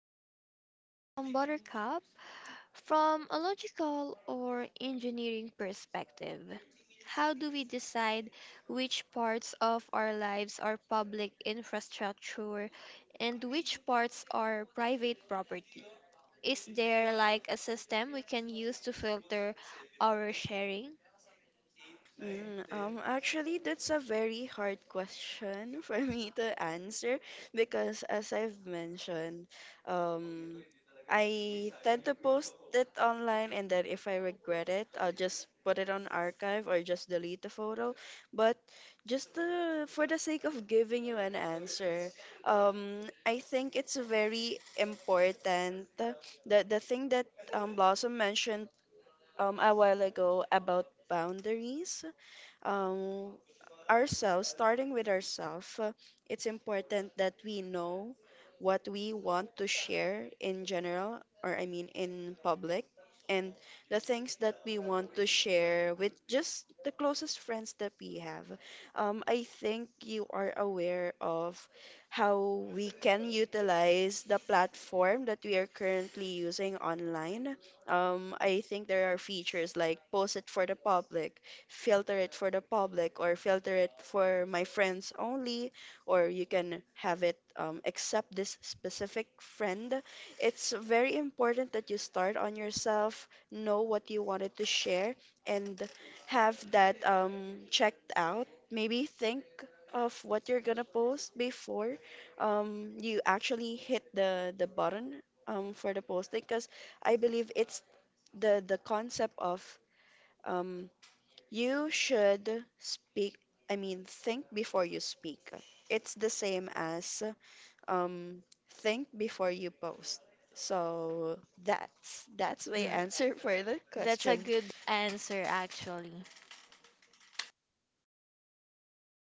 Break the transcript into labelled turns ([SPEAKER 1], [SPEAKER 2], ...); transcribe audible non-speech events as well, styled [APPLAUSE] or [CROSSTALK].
[SPEAKER 1] So, Buttercup, from a logical or engineering perspective, how do we decide which parts of our lives are public infrastructure and which parts are private property? Is there like a system we can use to filter our sharing?
[SPEAKER 2] Actually, that's a very hard question [LAUGHS] for me to answer because, as I've mentioned, um, I tend to post it online and then if I regret it, I'll just put it on archive or just delete the photo. But just to, for the sake of giving you an answer, um, I think it's very important that the thing that Blossom mentioned a while ago about boundaries, um, ourselves, starting with ourselves, it's important that we know what we want to share in general, or I mean in public, and the things that we want to share with just the closest friends that we have. I think you are aware of how we can utilize the platform that we are currently using online. I think there are features like post it for the public, filter it for the public, or filter it for my friends only, or you can have it accept this specific friend. It's very important that you start on yourself, know what you wanted to share, and have that checked out. Maybe think of what you're gonna post before you actually hit the button for the posting, because I believe it's the concept of, um, you should speak, I mean, think before you speak. It's the same as, um, think before you post. So that's
[SPEAKER 1] Mm,
[SPEAKER 2] my answer [LAUGHS] for that
[SPEAKER 1] that's a
[SPEAKER 2] question.
[SPEAKER 1] good answer, actually.